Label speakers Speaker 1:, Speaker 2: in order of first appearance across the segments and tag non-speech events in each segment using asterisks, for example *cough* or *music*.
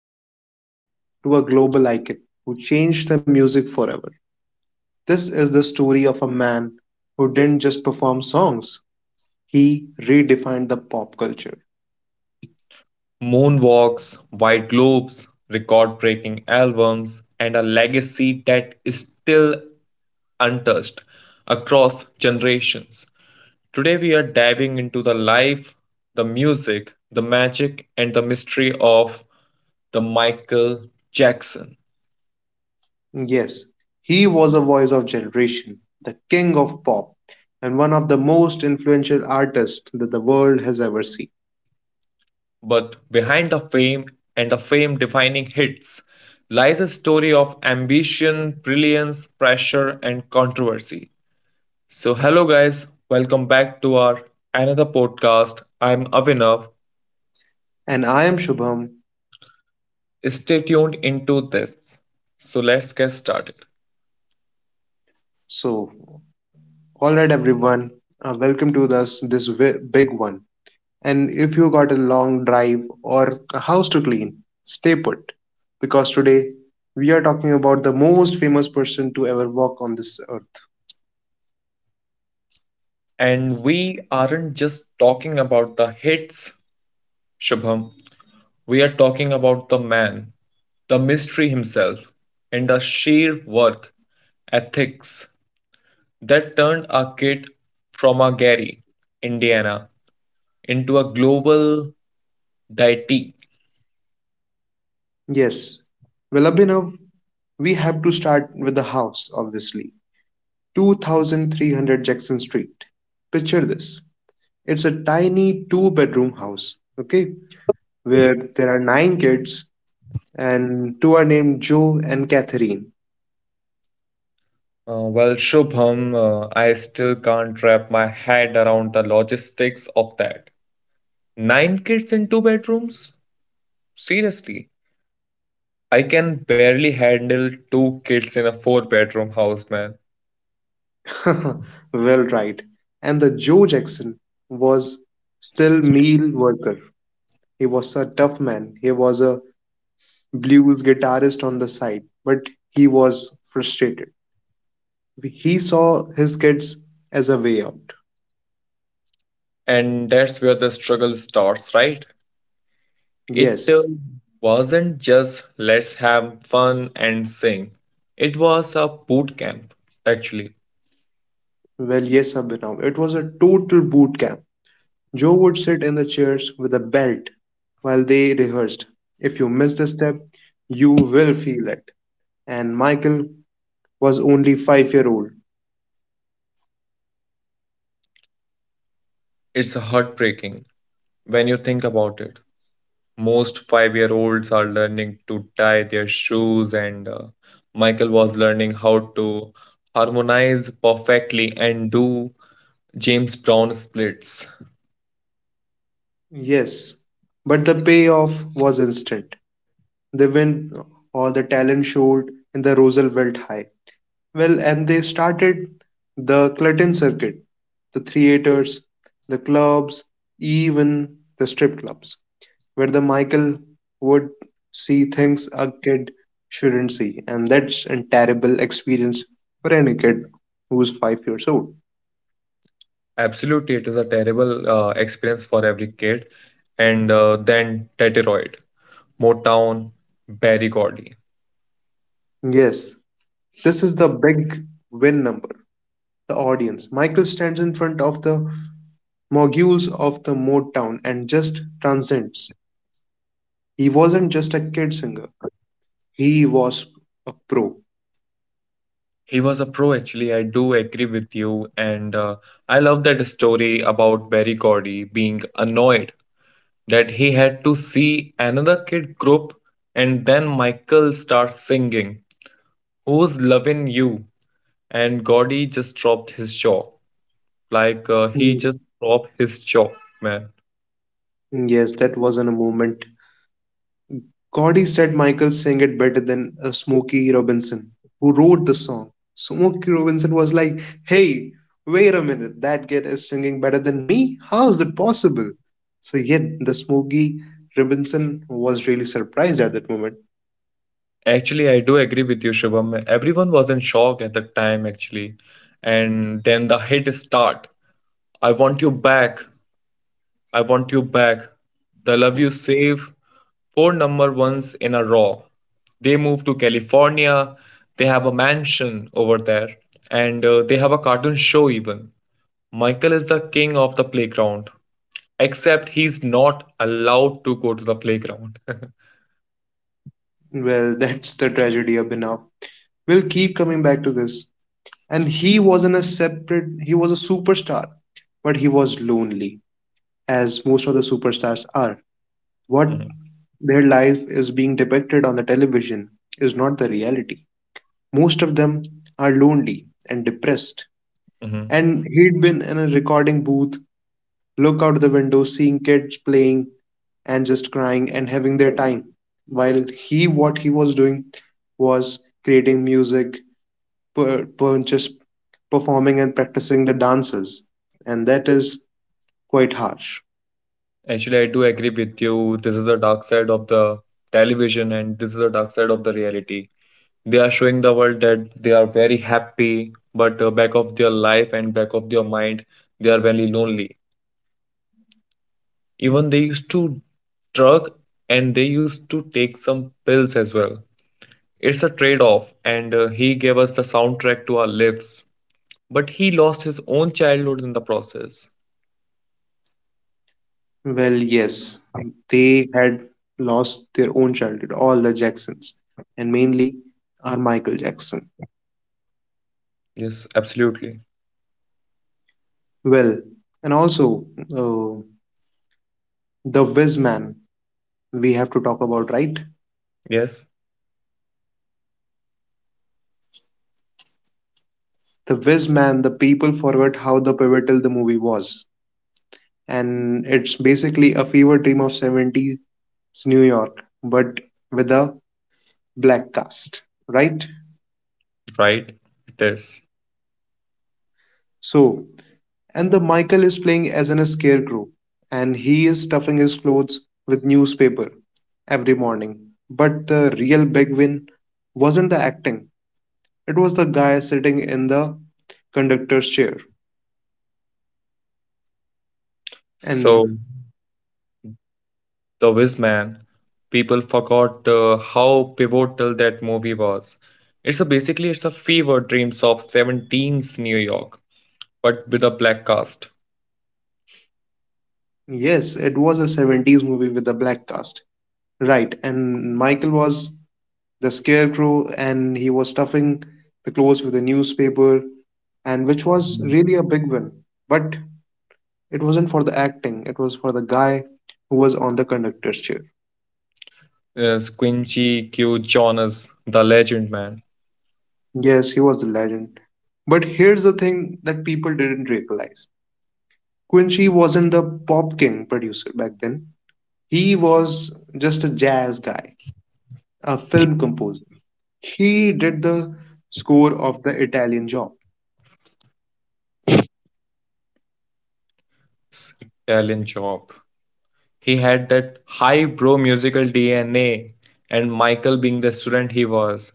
Speaker 1: the spotlight to a global icon who changed the music forever. This is the story of a man who didn't just perform songs, he redefined the pop culture.
Speaker 2: Moonwalks, white globes, record breaking albums, and a legacy that is still untouched across generations. Today, we are diving into the life, the music, the magic, and the mystery of the Michael Jackson.
Speaker 1: Yes, he was a voice of generation, the king of pop, and one of the most influential artists that the world has ever seen.
Speaker 2: But behind the fame and the fame defining hits lies a story of ambition, brilliance, pressure, and controversy. So, hello guys, welcome back to our another podcast. I'm Avinav.
Speaker 1: And I am Shubham.
Speaker 2: Stay tuned into this. So, let's get started.
Speaker 1: So, all right, everyone, welcome to this big one. And if you got a long drive or a house to clean, stay put. Because today we are talking about the most famous person to ever walk on this earth.
Speaker 2: And we aren't just talking about the hits, Shubham. We are talking about the man, the mystery himself, and the sheer work, ethics, that turned our kid from a Gary, Indiana, into a global deity.
Speaker 1: Yes, well, Abhinav, we have to start with the house, obviously. 2300 Jackson Street. Picture this, it's a tiny two-bedroom house, okay, where there are 9 kids and two are named Joe and Catherine.
Speaker 2: Well, Shubham, I still can't wrap my head around the logistics of that. Nine kids in two bedrooms? Seriously, I can barely handle two kids in a four-bedroom house, man.
Speaker 1: *laughs* Well, right. And the Joe Jackson was still meal worker. He was a tough man. He was a blues guitarist on the side, but he was frustrated. He saw his kids as a way out.
Speaker 2: And that's where the struggle starts, right? It
Speaker 1: Yes,
Speaker 2: wasn't just let's have fun and sing, it was a boot camp, actually.
Speaker 1: well, yes, Abhinav. It was a total boot camp. Joe would sit in the chairs with a belt while they rehearsed. If you missed a step, you will feel it. And Michael was only 5 years old.
Speaker 2: It's heartbreaking when you think about it. Most 5-year olds are learning to tie their shoes, and Michael was learning how to harmonize perfectly and do James Brown splits.
Speaker 1: Yes, but the payoff was instant. They win all the talent showed in the Roosevelt High. Well, and they started the Clutton circuit, the theaters, the clubs, even the strip clubs, where the Michael would see things a kid shouldn't see, and that's a terrible experience for any kid who's 5 years old.
Speaker 2: Absolutely, it is a terrible experience for every kid. And then Teteroid, Motown, Barry Gordy.
Speaker 1: Yes, this is the big win number, the audience. Michael stands in front of the moguls of the Motown and just transcends. He wasn't just a kid singer, he was a pro.
Speaker 2: He was a pro, actually. I do agree with you. And I love that story about Barry Gordy being annoyed that he had to see another kid group and then Michael starts singing Who's Lovin' You? And Gordy just dropped his jaw. Like he
Speaker 1: Hmm.
Speaker 2: just dropped his jaw, man.
Speaker 1: Yes, that wasn't a moment. Gordy said Michael sang it better than Smokey Robinson, who wrote the song. Smokey Robinson was like, hey, wait a minute, that kid is singing better than me? How is that possible? So, yet the Smokey Robinson was really surprised at that moment.
Speaker 2: Actually, I do agree with you, Shivam. Everyone was in shock at the time, actually. And then the hit start. I want you back. I want you back. The love you save four number ones in a row. They move to California. They have a mansion over there, and they have a cartoon show even. Michael is the king of the playground, except he's not allowed to go to the playground. *laughs*
Speaker 1: Well, *laughs* that's the tragedy of Enough. We'll keep coming back to this. And he was in a separate, he was a superstar but he was lonely, as most of the superstars are. What
Speaker 2: Mhm,
Speaker 1: their life is being depicted on the television is not the reality. Most of them are lonely and depressed,
Speaker 2: mhm.
Speaker 1: and he'd been in a recording booth, look out the window seeing kids playing and just crying and having their time, while he, what he was doing was creating music, per, per just performing and practicing the dances, and that is quite harsh.
Speaker 2: Actually, I do agree with you. This is the dark side of the television, and this is the dark side of the reality. They are showing the world that they are very happy, but back of their life and back of their mind, they are very lonely. Even they used to drug and they used to take some pills as well. It's a trade off, and he gave us the soundtrack to our lives. But he lost his own childhood in the process.
Speaker 1: Well, yes, they had lost their own childhood, all the Jacksons, and mainly are Michael Jackson.
Speaker 2: Yes, absolutely.
Speaker 1: Well, and also uh, the Wiz Man we have to talk about, right?
Speaker 2: Yes,
Speaker 1: The Wiz Man, the people forgot how the pivotal the movie was, and it's basically a fever dream of 70s New York, but with a black cast, right?
Speaker 2: right. It is.
Speaker 1: So, and the Michael is playing as an scarecrow, and he is stuffing his clothes with newspaper every morning. But the real big win wasn't the acting; it was the guy sitting in the conductor's chair. And
Speaker 2: So. The Wiz Man. People forgot how pivotal that movie was. It's a basically it's a fever dreams of 17's New York, but with a black cast.
Speaker 1: yes, it was a 70s movie with a black cast. Right, and Michael was the scarecrow, and he was stuffing the clothes with a newspaper, and which was really a big win. But it wasn't for the acting, it was for the guy who was on the conductor's chair.
Speaker 2: Squinchy Q Jonas, the legend man,
Speaker 1: Yes, he was the legend. But here's the thing that people didn't realize, Quincy wasn't the Pop King producer back then. He was just a jazz guy, a film composer. He did the score of The Italian Job.
Speaker 2: Italian job. He had that high bro musical DNA, and Michael, being the student he was,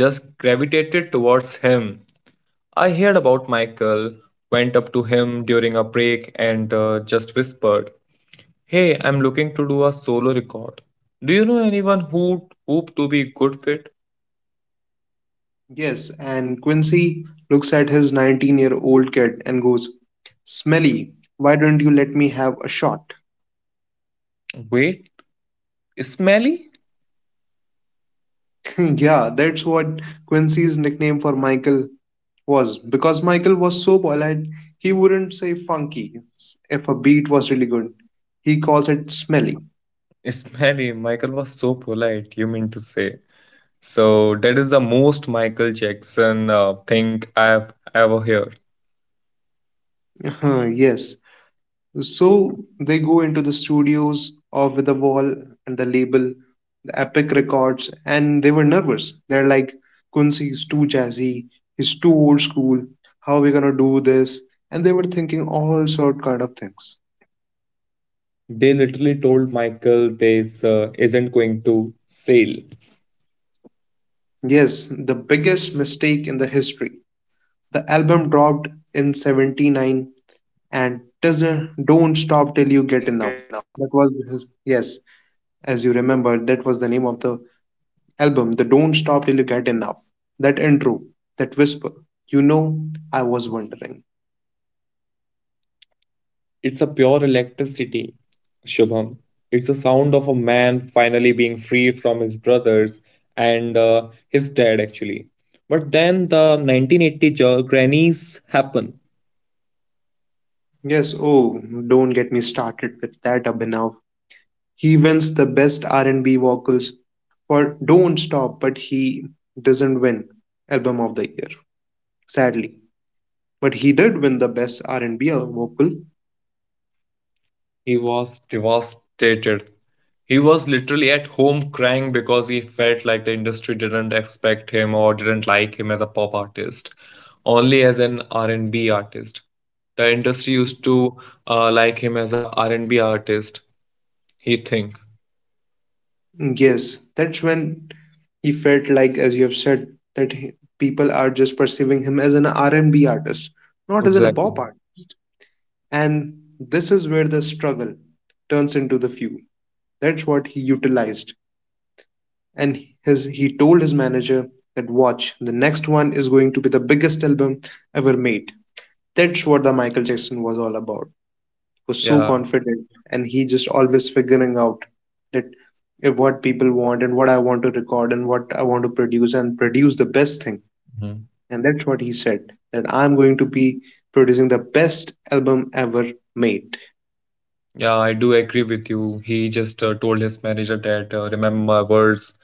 Speaker 2: just gravitated towards him. I heard about Michael, went up to him during a break, and just whispered, Hey, I'm looking to do a solo record. Do you know anyone who hope to be good fit?
Speaker 1: Yes, and Quincy looks at his 19-year-old kid and goes, Smelly, why don't you let me have a shot?
Speaker 2: Wait, smelly?
Speaker 1: Yeah, that's what Quincy's nickname for Michael was. Because Michael was so polite, he wouldn't say funky if a beat was really good. He calls it smelly.
Speaker 2: *laughs* Smelly. Michael was so polite, you mean to say. So that is the most Michael Jackson thing I've ever heard.
Speaker 1: *laughs* Yes. So they go into the studios of the wall and the label, the Epic Records, and they were nervous. They're like, Quincy is too jazzy, he's too old school. How are we gonna do this? And they were thinking all sort kind of things.
Speaker 2: They literally told Michael this isn't going to sell.
Speaker 1: Yes, the biggest mistake in the history. The album dropped in 79 and doesn't don't stop till you get enough. That was his, yes, as you remember, that was the name of the album, the Don't Stop Till You Get Enough. That intro, that whisper, you know, I was wondering.
Speaker 2: It's a pure electricity, Shubham. It's the sound of a man finally being free from his brothers and his dad, actually. But then the 1980 grannies happen.
Speaker 1: Yes, oh, don't get me started with that, Abhinav. He wins the best R&B vocals for Don't Stop, but he doesn't win album of the year, sadly. But he did win the best R&B vocal.
Speaker 2: He was devastated. He was literally at home crying because he felt like the industry didn't expect him or didn't like him as a pop artist, only as an R&B artist. The industry used to like him as a R&B artist, he thinks.
Speaker 1: Yes, that's when he felt like, as you have said, that people are just perceiving him as an R&B artist, not as an
Speaker 2: Exactly.
Speaker 1: pop art. And this is where the struggle turns into the few. That's what he utilized. And his, he told his manager that watch, the next one is going to be the biggest album ever made. That's what the Michael Jackson was all about. Was so
Speaker 2: Yeah.
Speaker 1: confident and he just always figuring out that what people want and what I want to record and what I want to produce and produce the best thing.
Speaker 2: Mhm.
Speaker 1: And that's what he said, that I'm going to be producing the best album ever made.
Speaker 2: Yeah, I do agree with you. He just told his manager that remember my words.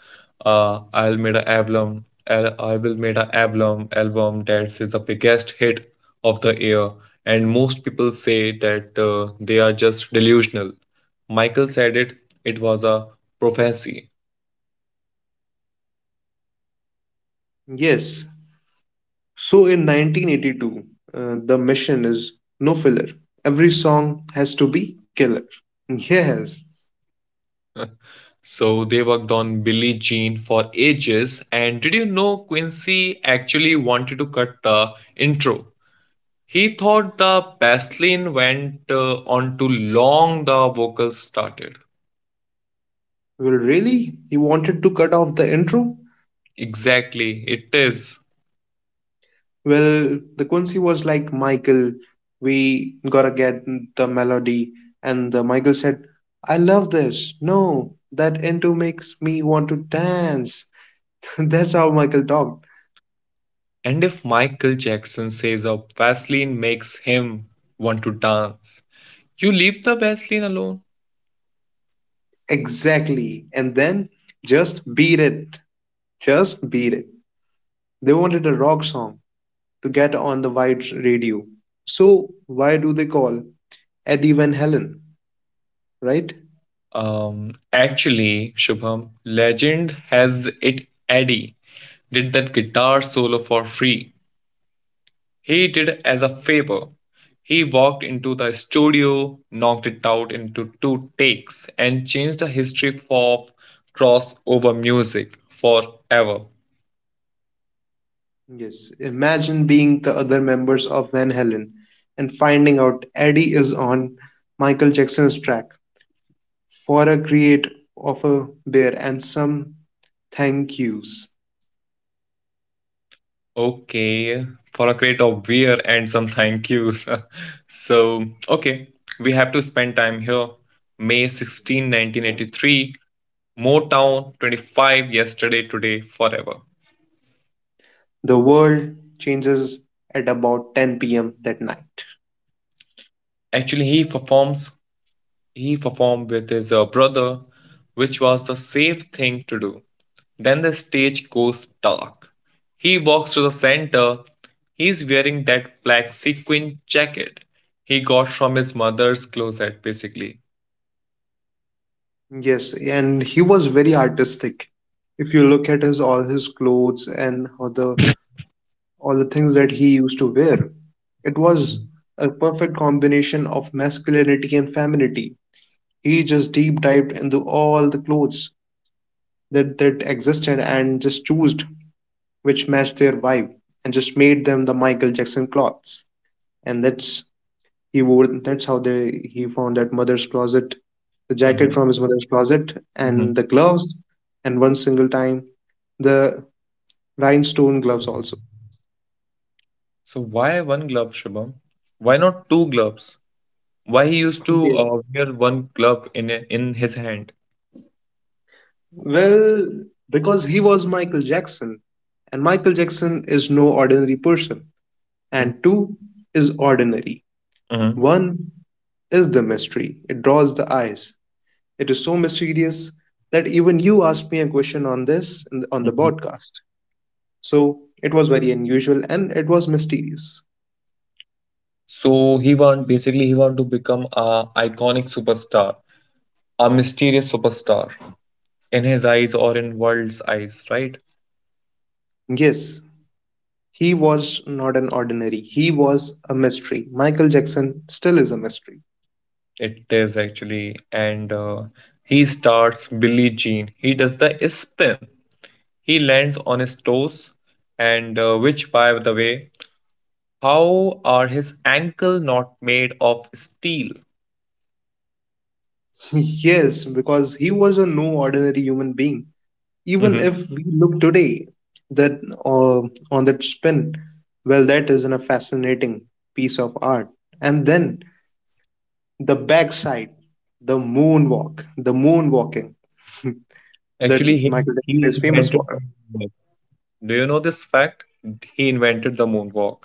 Speaker 2: I'll made a album. I will made a album. Album that's is the biggest hit of the year, and most people say that they are just delusional. Michael said it. It was a prophecy.
Speaker 1: Yes. So in 1982, the mission is no filler. Every song has to be killer. *laughs* Yes.
Speaker 2: *laughs* So they worked on Billie Jean for ages. And did you know Quincy actually wanted to cut the intro? He thought the baseline went on too long, the vocals started.
Speaker 1: Well, really? You wanted to cut off the intro?
Speaker 2: Exactly, it is.
Speaker 1: Well, the Quincy was like, Michael, we gotta get the melody. And the Michael said, I love this. No, that into makes me want to dance. *laughs* That's how Michael talked.
Speaker 2: And if Michael Jackson says a vaseline makes him want to dance, you leave the vaseline alone.
Speaker 1: Exactly. And then just beat it. Just beat it. They wanted a rock song to get on the wide radio. So why do they call Eddie Van Halen, right?
Speaker 2: Actually, Shubham, legend has it Eddie did that guitar solo for free. He did it as a favor. He walked into the studio, knocked it out into two takes, and changed the history of crossover music forever.
Speaker 1: Yes, imagine being the other members of Van Halen and finding out Eddie is on Michael Jackson's track for a create of a beer and some thank yous.
Speaker 2: Okay, for a crate of beer and some thank yous. *laughs* So, okay, we have to spend time here. May 16, 1983, Motown 25, yesterday, today, forever.
Speaker 1: The world changes at about 10 p.m. that night.
Speaker 2: Actually, He performed with his brother, which was the safe thing to do. Then the stage goes dark. He walks to the center. He is wearing that black sequin jacket he got from his mother's closet, basically.
Speaker 1: Yes, and he was very artistic. If you look at his all his clothes and all the things that he used to wear, it was
Speaker 2: Mhm,
Speaker 1: a perfect combination of masculinity and femininity, he just deep dived into all the clothes that existed and just chose which matched their vibe and just made them the Michael Jackson clothes. And that's, he wore, that's how they, he found that mother's closet, the jacket
Speaker 2: mhm,
Speaker 1: from his mother's closet and
Speaker 2: mhm.
Speaker 1: the gloves, and one single time the rhinestone gloves also.
Speaker 2: So why one glove, Shubham? Why not two gloves? Why he used to
Speaker 1: Okay.
Speaker 2: wear one glove in his hand?
Speaker 1: Well, because he was Michael Jackson and Michael Jackson is no ordinary person,
Speaker 2: Mhm,
Speaker 1: and two is ordinary.
Speaker 2: mhm,
Speaker 1: One is the mystery. It draws the eyes. It is so mysterious that even you asked me a question on this on the
Speaker 2: mhm.
Speaker 1: podcast. So it was very unusual and it was mysterious.
Speaker 2: So he want to become a iconic superstar, a mysterious superstar in his eyes or in world's eyes, right?
Speaker 1: Yes, he was not an ordinary. He was a mystery. Michael Jackson still is a mystery.
Speaker 2: It is actually, and he starts billie jean. He does the spin. He lands on his toes, and which by the way, how are his ankle not made of steel?
Speaker 1: *laughs* Yes, because he was a no ordinary human being. Even
Speaker 2: Mhm.
Speaker 1: if we look today that uh, on that spin, well, that isn't a fascinating piece of art. And then the backside, the moonwalk, the moonwalking *laughs* that
Speaker 2: Actually, he,
Speaker 1: Michael
Speaker 2: he
Speaker 1: Jackson is famous
Speaker 2: invented
Speaker 1: for.
Speaker 2: the moonwalk. Do you know this fact? He invented the moonwalk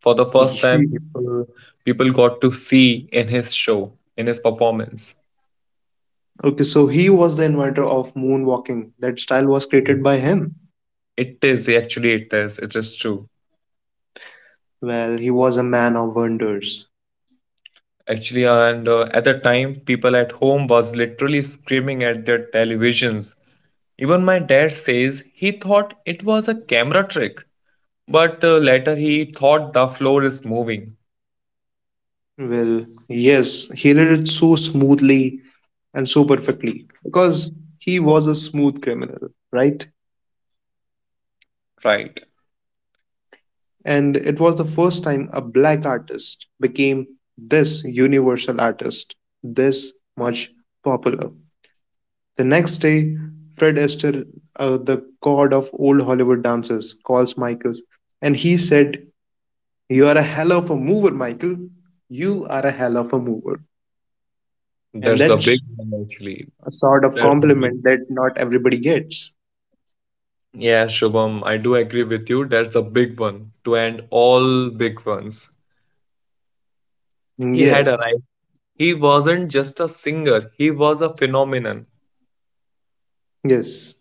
Speaker 2: for the first time.
Speaker 1: *laughs*
Speaker 2: People got to see in his show, in his performance.
Speaker 1: Okay, so he was the inventor of moonwalking. That style was created by him.
Speaker 2: It is actually. It is true,
Speaker 1: Well, he was a man of wonders.
Speaker 2: actually. And at the time, people at home was literally screaming at their televisions. Even my dad says he thought it was a camera trick, but later he thought the floor is moving.
Speaker 1: Well, yes, he did it so smoothly and so perfectly because he was a smooth criminal, right?
Speaker 2: Right,
Speaker 1: And it was the first time a black artist became this universal artist, this much popular. The next day, Fred Astaire, the god of old Hollywood dances, calls Michaels and he said, You are a hell of a mover, Michael. You are a hell of a mover.
Speaker 2: there's
Speaker 1: And
Speaker 2: the big
Speaker 1: that's
Speaker 2: one actually.
Speaker 1: a sort of
Speaker 2: There's the big.
Speaker 1: compliment that not everybody gets.
Speaker 2: Yeah, Shubham, I do agree with you. There's a big one to end all big ones. He had
Speaker 1: Yes,
Speaker 2: arrived. He wasn't just a singer, he was a phenomenon.
Speaker 1: yes.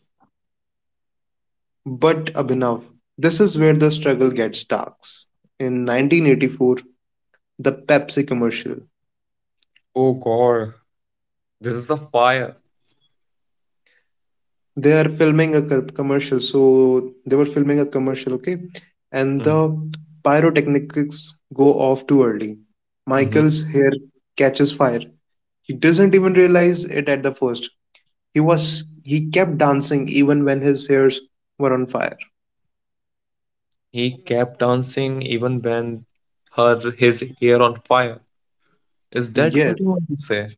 Speaker 1: But Abhinav, this is where the struggle gets dark. In 1984, the Pepsi commercial.
Speaker 2: Oh God, this is the fire.
Speaker 1: They are filming a commercial, so they were filming a commercial, okay, and the
Speaker 2: Mhm,
Speaker 1: pyrotechnics go off too early,
Speaker 2: mhm.
Speaker 1: Michael's hair catches fire, he doesn't even realize it at the first, he kept dancing even when his hairs were on fire.
Speaker 2: He kept dancing even when her his hair on fire. Is that what you
Speaker 1: Yes,
Speaker 2: want to say?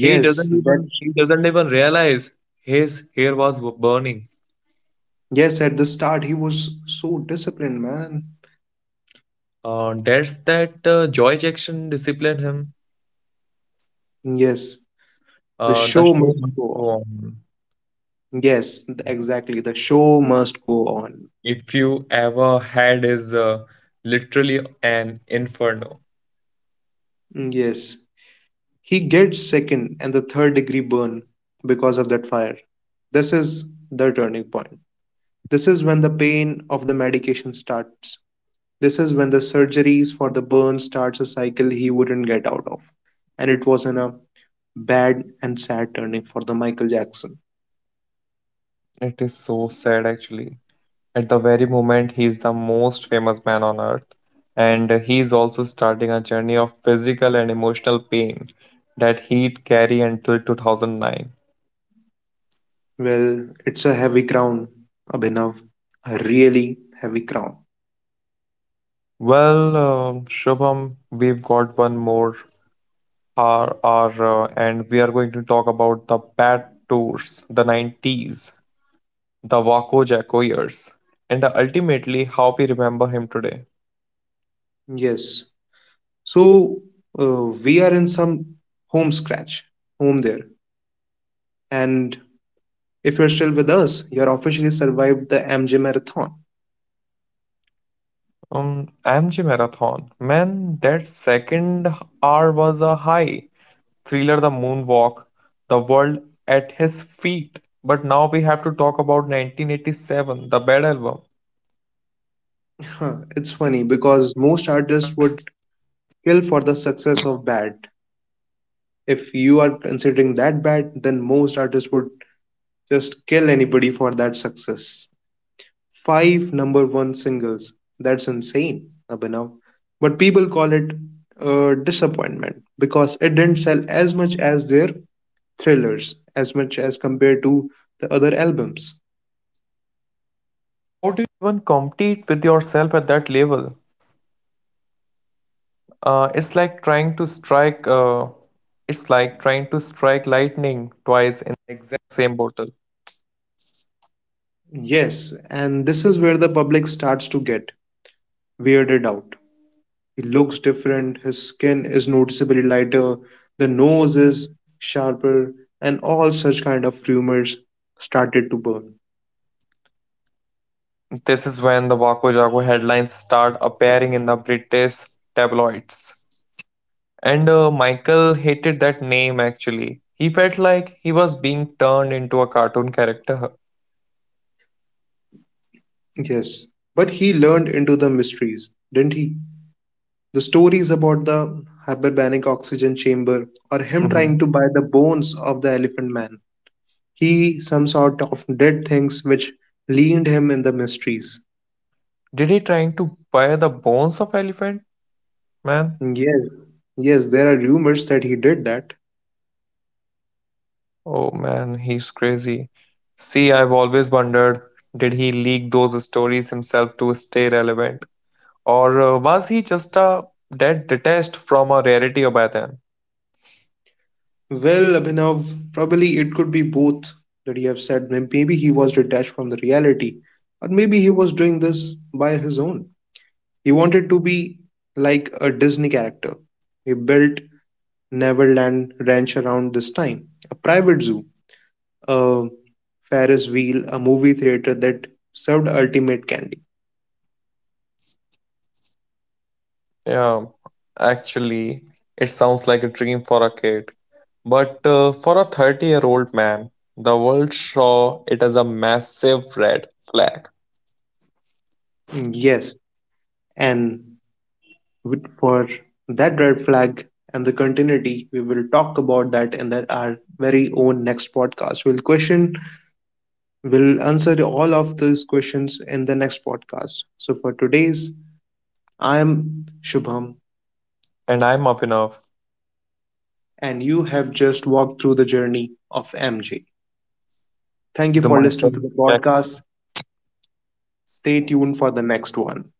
Speaker 2: He doesn't
Speaker 1: that,
Speaker 2: even he doesn't even realize his hair was burning.
Speaker 1: yes, at the start he was so disciplined, man.
Speaker 2: That's that Joy Jackson disciplined him.
Speaker 1: Yes, the
Speaker 2: The
Speaker 1: show
Speaker 2: show
Speaker 1: must
Speaker 2: must
Speaker 1: go
Speaker 2: go on.
Speaker 1: on. Yes, exactly, the show must go on.
Speaker 2: If you ever had is literally an inferno.
Speaker 1: Yes. He gets second and the third degree burn because of that fire. This is the turning point. This is when the pain of the medication starts. This is when the surgeries for the burn starts, a cycle he wouldn't get out of. And it was in a bad and sad turning for the Michael Jackson.
Speaker 2: It is so sad actually. At the very moment, he is the most famous man on earth, and he is also starting a journey of physical and emotional pain that he'd carry until 2009.
Speaker 1: Well, it's a heavy crown, Abhinav. A really heavy crown.
Speaker 2: Well, Shubham, we've got one more hour and we are going to talk about the bad tours, the 90s, the Waco Jacko years, and ultimately how we remember him today.
Speaker 1: Yes. So we are in some home scratch, home there. And if you're still with us, you're officially survived the MJ marathon.
Speaker 2: MG Marathon. Man, that second hour was a high. Thriller, The Moonwalk, The World at His Feet. But now we have to talk about 1987, the Bad Album.
Speaker 1: Huh, it's funny because most artists would kill for the success of Bad. If you are considering that bad, then most artists would just kill anybody for that success. Five number one singles. That's insane, Abhinav. But people call it a disappointment because it didn't sell as much as their thrillers, as much as compared to the other albums. Yes, and this is where the public starts to get weirded out. He looks different, his skin is noticeably lighter, the nose is sharper, and all such kind of rumors started to burn.
Speaker 2: This is when the Wako Jago headlines start appearing in the British tabloids. And Michael hated that name actually. He felt like he was being turned into a cartoon character.
Speaker 1: Yes, but he learned into the mysteries, didn't he? The stories about the hyperbaric oxygen chamber or him trying
Speaker 2: Mhm.
Speaker 1: to buy the bones of the elephant man. He some sort of did things which leaned him in the mysteries.
Speaker 2: Did he trying to buy the bones of elephant? Man,
Speaker 1: Yes. Yes, there are rumors that he did that.
Speaker 2: oh man, he's crazy. See, I've always wondered, did he leak those stories himself to stay relevant? Or was he just a dead detached from a rarity by then?
Speaker 1: Well, Abhinav, probably it could be both that you have said. Maybe he was detached from the reality, or maybe he was doing this by his own. He wanted to be like a Disney character. He built Neverland Ranch around this time, a private zoo, a Ferris wheel, a movie theater that served ultimate candy.
Speaker 2: Yeah, actually, it sounds like a dream for a kid. But for a 30-year-old man, the world saw it as a massive red flag.
Speaker 1: Mm, yes, and for that red flag and the continuity, we will talk about that in the, our very own next podcast. We'll question, we'll answer all of those questions in the next podcast. So for today's, I am Shubham,
Speaker 2: And I'm up enough.
Speaker 1: and you have just walked through the journey of MJ. Thank you
Speaker 2: The
Speaker 1: for listening
Speaker 2: Michael
Speaker 1: to the
Speaker 2: Jackson.
Speaker 1: podcast. Stay tuned for the next one.